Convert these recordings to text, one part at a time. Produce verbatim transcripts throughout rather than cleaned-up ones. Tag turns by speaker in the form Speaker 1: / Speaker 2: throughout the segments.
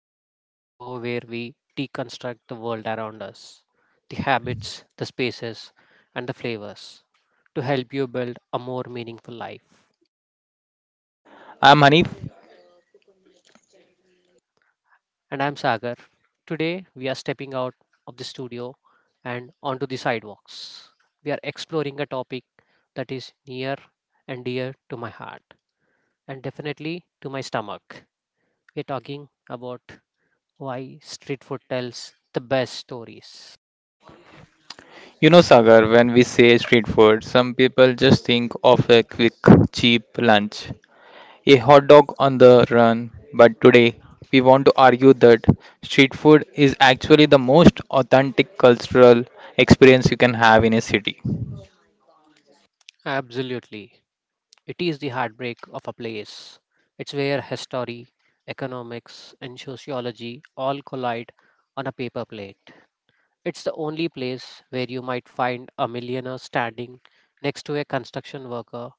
Speaker 1: Architect, the show where we deconstruct the world around us, the habits, the spaces, and the flavors to help you build a more meaningful life.
Speaker 2: I'm Hanif.
Speaker 1: And I'm Sagar. Today, we are stepping out of the studio and onto the sidewalks. We are exploring a topic that is near and dear to my heart and definitely to my stomach. We're talking about why street food tells the best stories.
Speaker 2: You know, Sagar, when we say street food, some people just think of a quick, cheap lunch, a hot dog on the run. But today, we want to argue that street food is actually the most authentic cultural experience you can have in a city.
Speaker 1: Absolutely. It is the heartbreak of a place. It's where history, economics, and sociology all collide on a paper plate. It's the only place where you might find a millionaire standing next to a construction worker,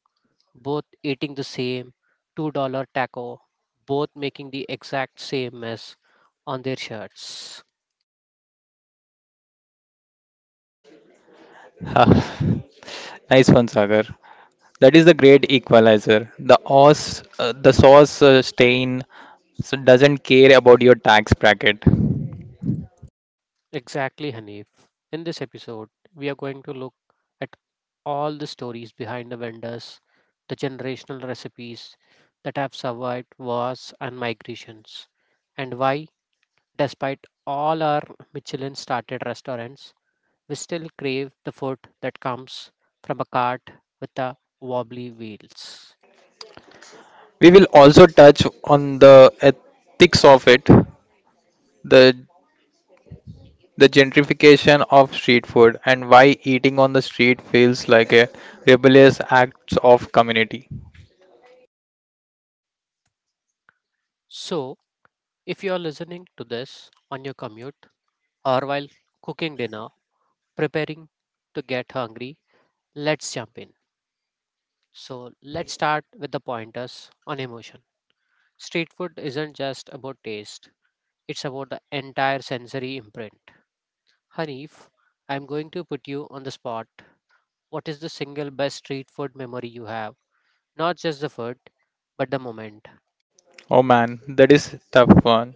Speaker 1: both eating the same two dollars taco, both making the exact same mess on their shirts.
Speaker 2: Ah, nice one, Sagar. That is the great equalizer. The os, uh, the sauce uh, stain so doesn't care about your tax bracket.
Speaker 1: Exactly, Hanif. In this episode, we are going to look at all the stories behind the vendors, the generational recipes that have survived wars and migrations, and why, despite all our Michelin started restaurants, we still crave the food that comes from a cart with the wobbly wheels.
Speaker 2: We will also touch on the ethics of it the the gentrification of street food and why eating on the street feels like a rebellious act of community.
Speaker 1: So, if you are listening to this on your commute or while cooking dinner, preparing to get hungry, let's jump in. So, let's start with the pointers on emotion. Street food isn't just about taste, it's about the entire sensory imprint. Hanif, I'm going to put you on the spot. What is the single best street food memory you have? Not just the food, but the moment.
Speaker 2: Oh man, that is tough one.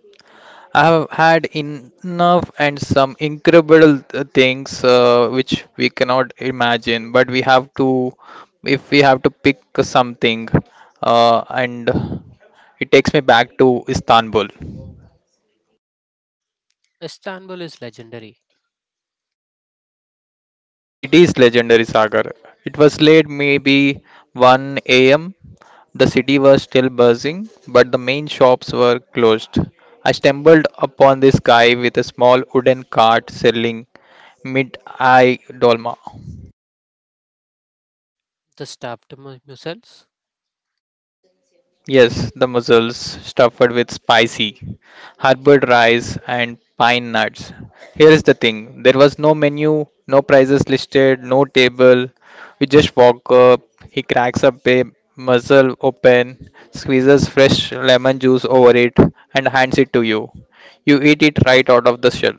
Speaker 2: I have had enough and some incredible th- things uh, which we cannot imagine, but we have to, if we have to pick something, uh, and it takes me back to Istanbul.
Speaker 1: Istanbul is legendary.
Speaker 2: It is legendary, Sagar. It was late, maybe one a m. The city was still buzzing, but the main shops were closed. I stumbled upon this guy with a small wooden cart selling mid-eye dolma.
Speaker 1: The stuffed mu- mussels,
Speaker 2: Yes, the mussels stuffed with spicy hard-boiled rice and pine nuts. Here is the thing. There was no menu, no prices listed, no table. We just walk up. He cracks up a ba- mussel open, squeezes fresh lemon juice over it, and hands it to you. You eat it right out of the shell.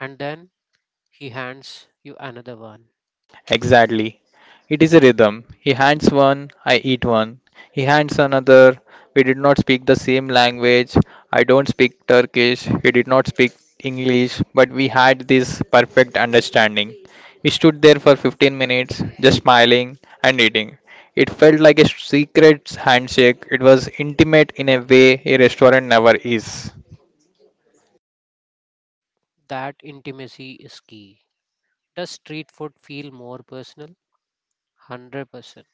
Speaker 1: and then he hands you another one.
Speaker 2: Exactly. It is a rhythm. He hands one, I eat one. He hands another. We did not speak the same language. I don't speak Turkish. He did not speak English, but we had this perfect understanding. We stood there for fifteen minutes, just smiling and eating. It felt like a secret handshake. It was intimate in a way a restaurant never is.
Speaker 1: That intimacy is key. Does street food feel more personal? one hundred percent.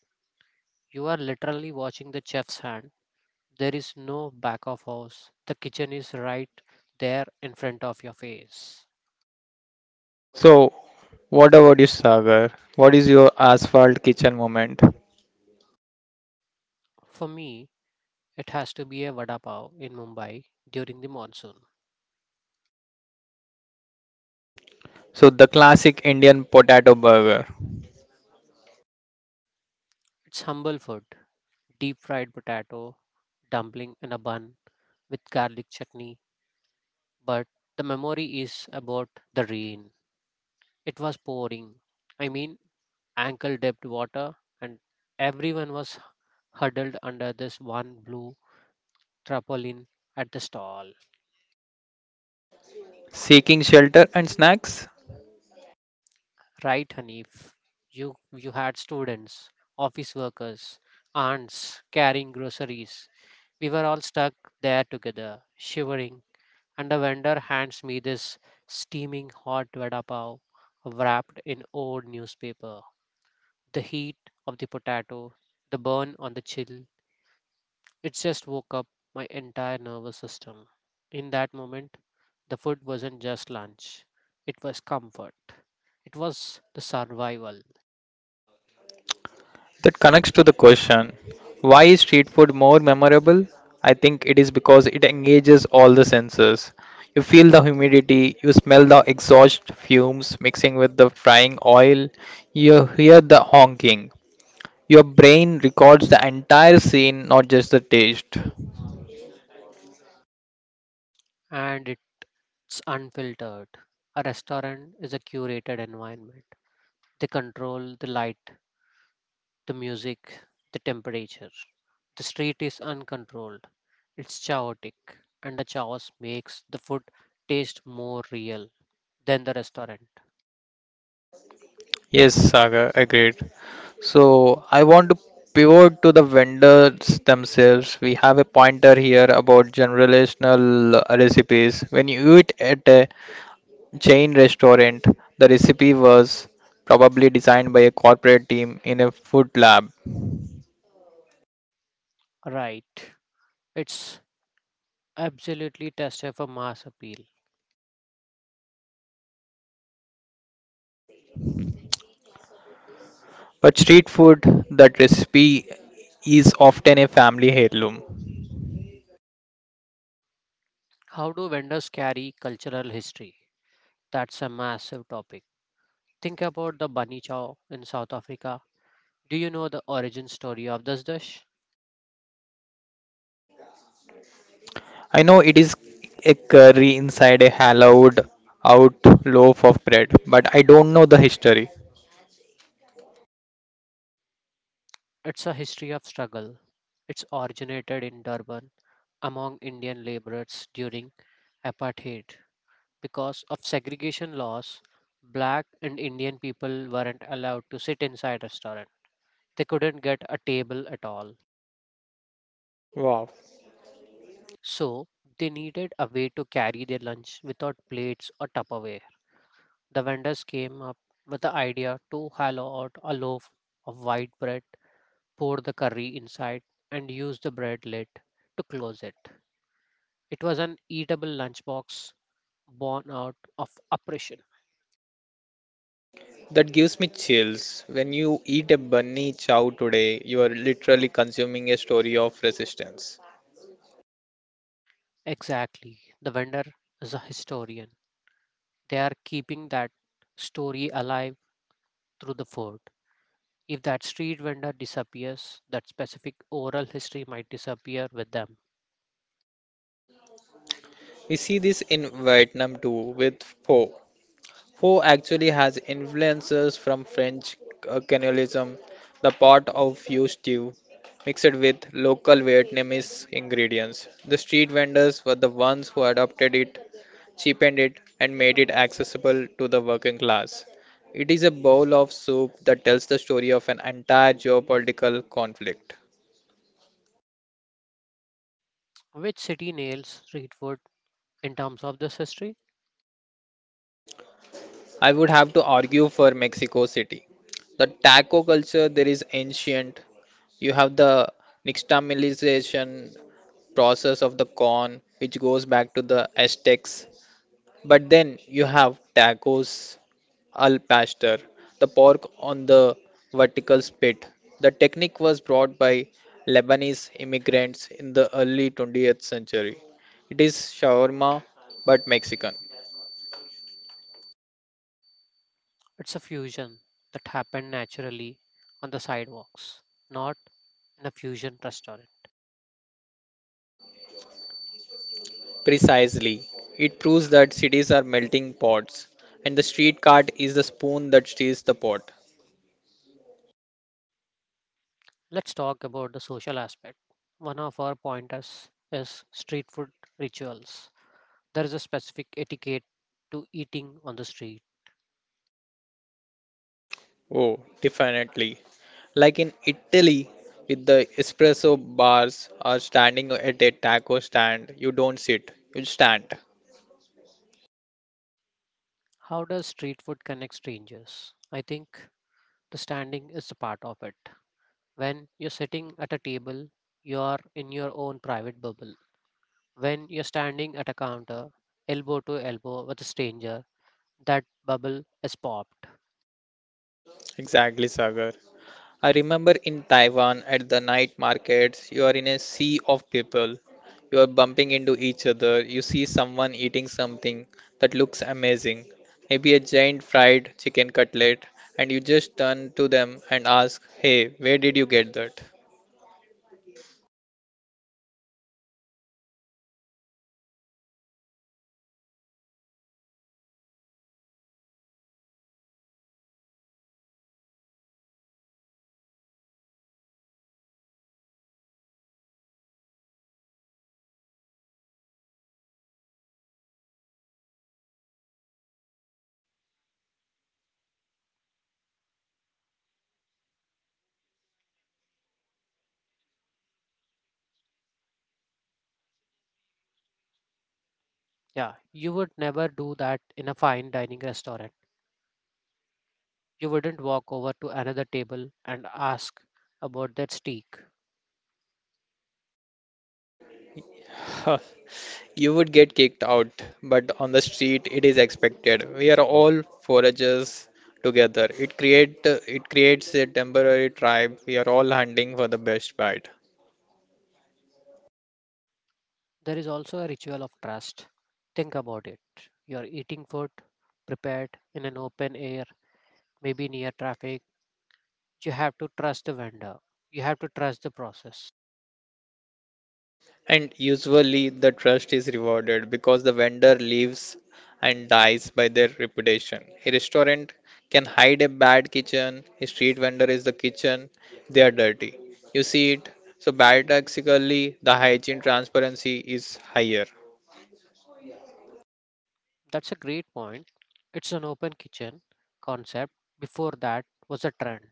Speaker 1: You are literally watching the chef's hand. There is no back of house. The kitchen is right there in front of your face.
Speaker 2: So, what about you, Sagar? What is your asphalt kitchen moment?
Speaker 1: For me, it has to be a vada pav in Mumbai during the monsoon.
Speaker 2: So, the classic Indian potato burger,
Speaker 1: It's humble food, deep fried potato, dumpling in a bun with garlic chutney, but the memory is about the rain. It was pouring. I mean, ankle depth water, and everyone was huddled under this one blue Tarpaulin at the stall.
Speaker 2: seeking shelter and snacks?
Speaker 1: Right, Hanif? You, you had students, office workers, aunts carrying groceries. We were all stuck there together, shivering, and the vendor hands me this steaming hot vada pav wrapped in old newspaper. The heat of the potato, the burn on the chill, it just woke up my entire nervous system. In that moment, the food wasn't just lunch, it was comfort. It was the survival,
Speaker 2: That connects to the question why is street food more memorable? I think it is because it engages all the senses. You feel the humidity, you smell the exhaust fumes mixing with the frying oil, you hear the honking. Your brain records the entire scene, not just the taste.
Speaker 1: and it's unfiltered. A restaurant is a curated environment. They control the light, the music, the temperature. The street is uncontrolled. It's chaotic, and the chaos makes the food taste more real than the restaurant.
Speaker 2: Yes, Saga, agreed. So I want to pivot to the vendors themselves. We have a pointer here about generational recipes. When you eat at a chain restaurant, the recipe was probably designed by a corporate team in a food lab.
Speaker 1: Right. It's absolutely tested for mass appeal.
Speaker 2: But street food, that recipe is often a family heirloom.
Speaker 1: How do vendors carry cultural history? That's a massive topic. Think about the bunny chow in South Africa. Do you know the origin story of this dish?
Speaker 2: I know it is a curry inside a hollowed out loaf of bread, but I don't know the history.
Speaker 1: It's a history of struggle. It's originated in Durban among Indian laborers during apartheid. Because of segregation laws, black and Indian people weren't allowed to sit inside restaurant. They couldn't get a table at all.
Speaker 2: Wow.
Speaker 1: So they needed a way to carry their lunch without plates or Tupperware. The vendors came up with the idea to hollow out a loaf of white bread, pour the curry inside, and use the bread lid to close it. It was an eatable lunchbox born out of oppression.
Speaker 2: That gives me chills. When you eat a bunny chow today, you are literally consuming a story of resistance.
Speaker 1: Exactly. The vendor is a historian. They are keeping that story alive through the food. If that street vendor disappears, that specific oral history might disappear with them.
Speaker 2: We see this in Vietnam too with pho. Pho actually has influences from French uh, cannibalism, the pot of you stew, mixed with local Vietnamese ingredients. The street vendors were the ones who adopted it cheapened it, and made it accessible to the working class. It is a bowl of soup that tells the story of an entire geopolitical conflict.
Speaker 1: Which city nails Streetwood in terms of this history?
Speaker 2: I would have to argue for Mexico City. The taco culture there is ancient. You have the nixtamalization process of the corn, which goes back to the Aztecs. But then you have tacos al pastor, the pork on the vertical spit. The technique was brought by Lebanese immigrants in the early twentieth century. It is shawarma but Mexican.
Speaker 1: It's a fusion that happened naturally on the sidewalks, not in a fusion restaurant.
Speaker 2: Precisely. It proves that cities are melting pots and the street cart is the spoon that stirs the pot.
Speaker 1: Let's talk about the social aspect. One of our pointers is street food rituals. There is a specific etiquette to eating on the street.
Speaker 2: Oh, definitely. Like in Italy, with the espresso bars or standing at a taco stand, you don't sit, you stand.
Speaker 1: How does street food connect strangers? I think the standing is a part of it. When you're sitting at a table, you are in your own private bubble. When you're standing at a counter, elbow to elbow with a stranger, that bubble is popped.
Speaker 2: Exactly, Sagar. I remember in Taiwan at the night markets, you are in a sea of people. You are bumping into each other. You see someone eating something that looks amazing, maybe a giant fried chicken cutlet, and you just turn to them and ask, "Hey, where did you get that?"
Speaker 1: Yeah, you would never do that in a fine dining restaurant. You wouldn't walk over to another table and ask about that steak.
Speaker 2: Huh, You would get kicked out, but on the street it is expected. We are all foragers together. It create it creates a temporary tribe. We are all hunting for the best bite.
Speaker 1: There is also a ritual of trust. Think about it. You're eating food prepared in an open air, maybe near traffic. You have to trust the vendor. You have to trust the process.
Speaker 2: And usually the trust is rewarded because the vendor leaves and dies by their reputation. A restaurant can hide a bad kitchen. A street vendor is the kitchen. They are dirty. You see it. So paradoxically, the hygiene transparency is higher.
Speaker 1: That's a great point. It's an open kitchen concept. Before that was a trend.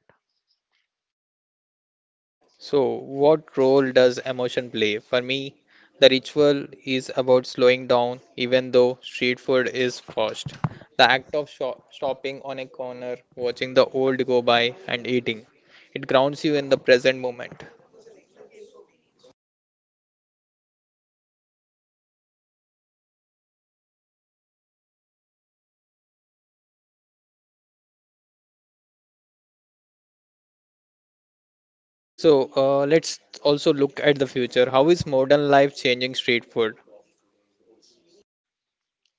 Speaker 2: So, what role does emotion play? For me, the ritual is about slowing down, even though street food is fast. The act of shop- stopping on a corner, watching the old go by, and eating. It grounds you in the present moment. So, uh, let's also look at the future. How is modern life changing street food?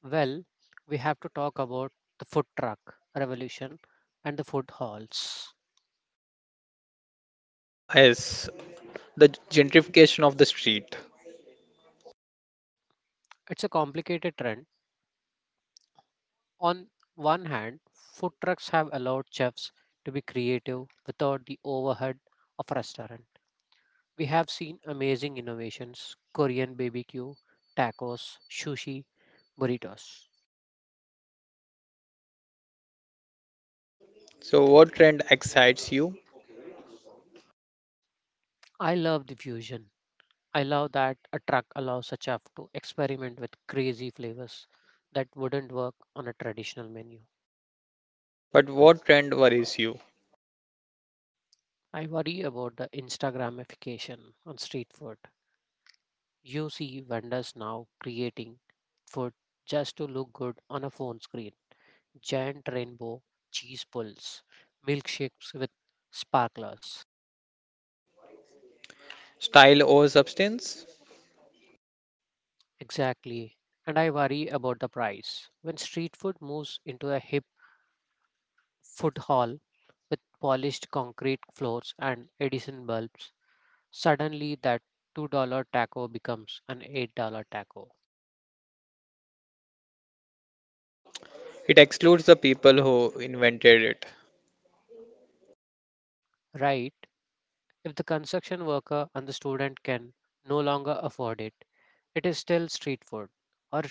Speaker 1: Well, we have to talk about the food truck revolution and the food halls.
Speaker 2: Ah, yes, the gentrification of the street.
Speaker 1: It's a complicated trend. On one hand, food trucks have allowed chefs to be creative without the overhead of a restaurant. We have seen amazing innovations Korean B B Q, tacos, sushi, burritos.
Speaker 2: So, what trend excites you,
Speaker 1: I love the fusion. I love that a truck allows a chef to experiment with crazy flavors that wouldn't work on a traditional menu.
Speaker 2: but what trend worries you?
Speaker 1: I worry about the Instagramification on street food. You see vendors now creating food just to look good on a phone screen. Giant rainbow cheese pulls, milkshakes with sparklers.
Speaker 2: Style over substance?
Speaker 1: Exactly. And I worry about the price. When street food moves into a hip food hall with polished concrete floors and Edison bulbs, suddenly that two dollar taco becomes an eight dollar taco.
Speaker 2: It excludes the people who invented it.
Speaker 1: Right? If the construction worker and the student can no longer afford it, it is still street food. Or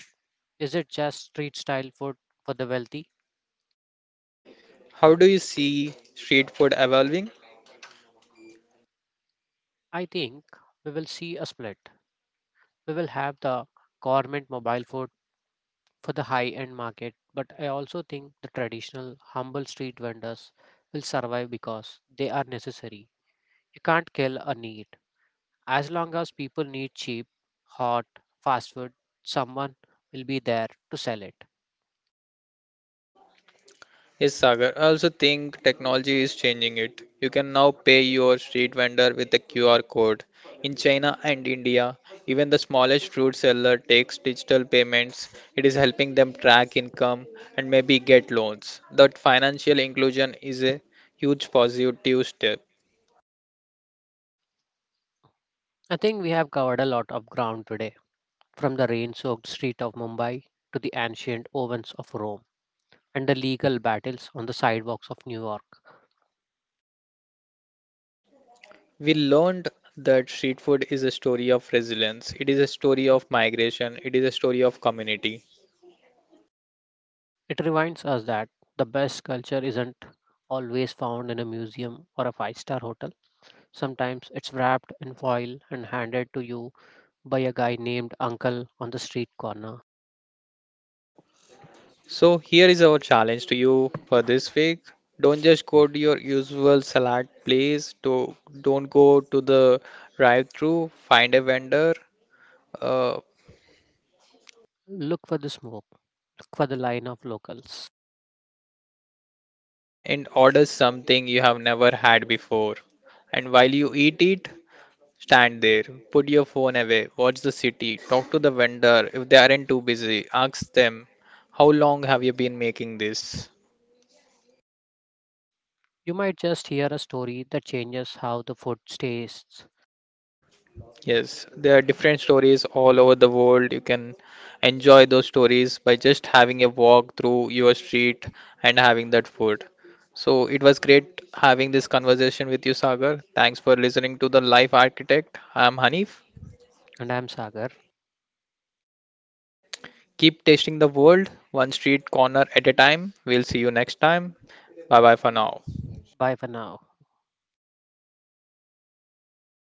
Speaker 1: is it just street style food for the wealthy?
Speaker 2: How do you see street food evolving?
Speaker 1: I think we will see a split. We will have the government mobile food for the high end market, but I also think the traditional, humble street vendors will survive because they are necessary. You can't kill a need. As long as people need cheap, hot, fast food, someone will be there to sell it.
Speaker 2: Yes, Sagar. I also think technology is changing it. You can now pay your street vendor with a Q R code. In China and India, even the smallest fruit seller takes digital payments. It is helping them track income and maybe get loans. That financial inclusion is a huge positive step.
Speaker 1: I think we have covered a lot of ground today, from the rain soaked street of Mumbai to the ancient ovens of Rome and the legal battles on the sidewalks of New York.
Speaker 2: We learned that street food is a story of resilience, it is a story of migration, it is a story of community.
Speaker 1: It reminds us that the best culture isn't always found in a museum or a five star hotel. Sometimes it's wrapped in foil and handed to you by a guy named Uncle on the street corner.
Speaker 2: So, here is our challenge to you for this week. Don't just go to your usual salad place, do, don't go to the drive through, find a vendor uh,
Speaker 1: Look for the smoke, look for the line of locals.
Speaker 2: and order something you have never had before. And while you eat it, stand there, put your phone away, watch the city, talk to the vendor if they aren't too busy. Ask them, how long have you been making this?
Speaker 1: You might just hear a story that changes how the food tastes.
Speaker 2: Yes, there are different stories all over the world. You can enjoy those stories by just having a walk through your street and having that food. So it was great having this conversation with you, Sagar. Thanks for listening to The Life Architect. I'm Hanif.
Speaker 1: And I'm Sagar.
Speaker 2: Keep tasting the world, one street corner at a time. We'll see you next time. Bye bye for now.
Speaker 1: Bye for now.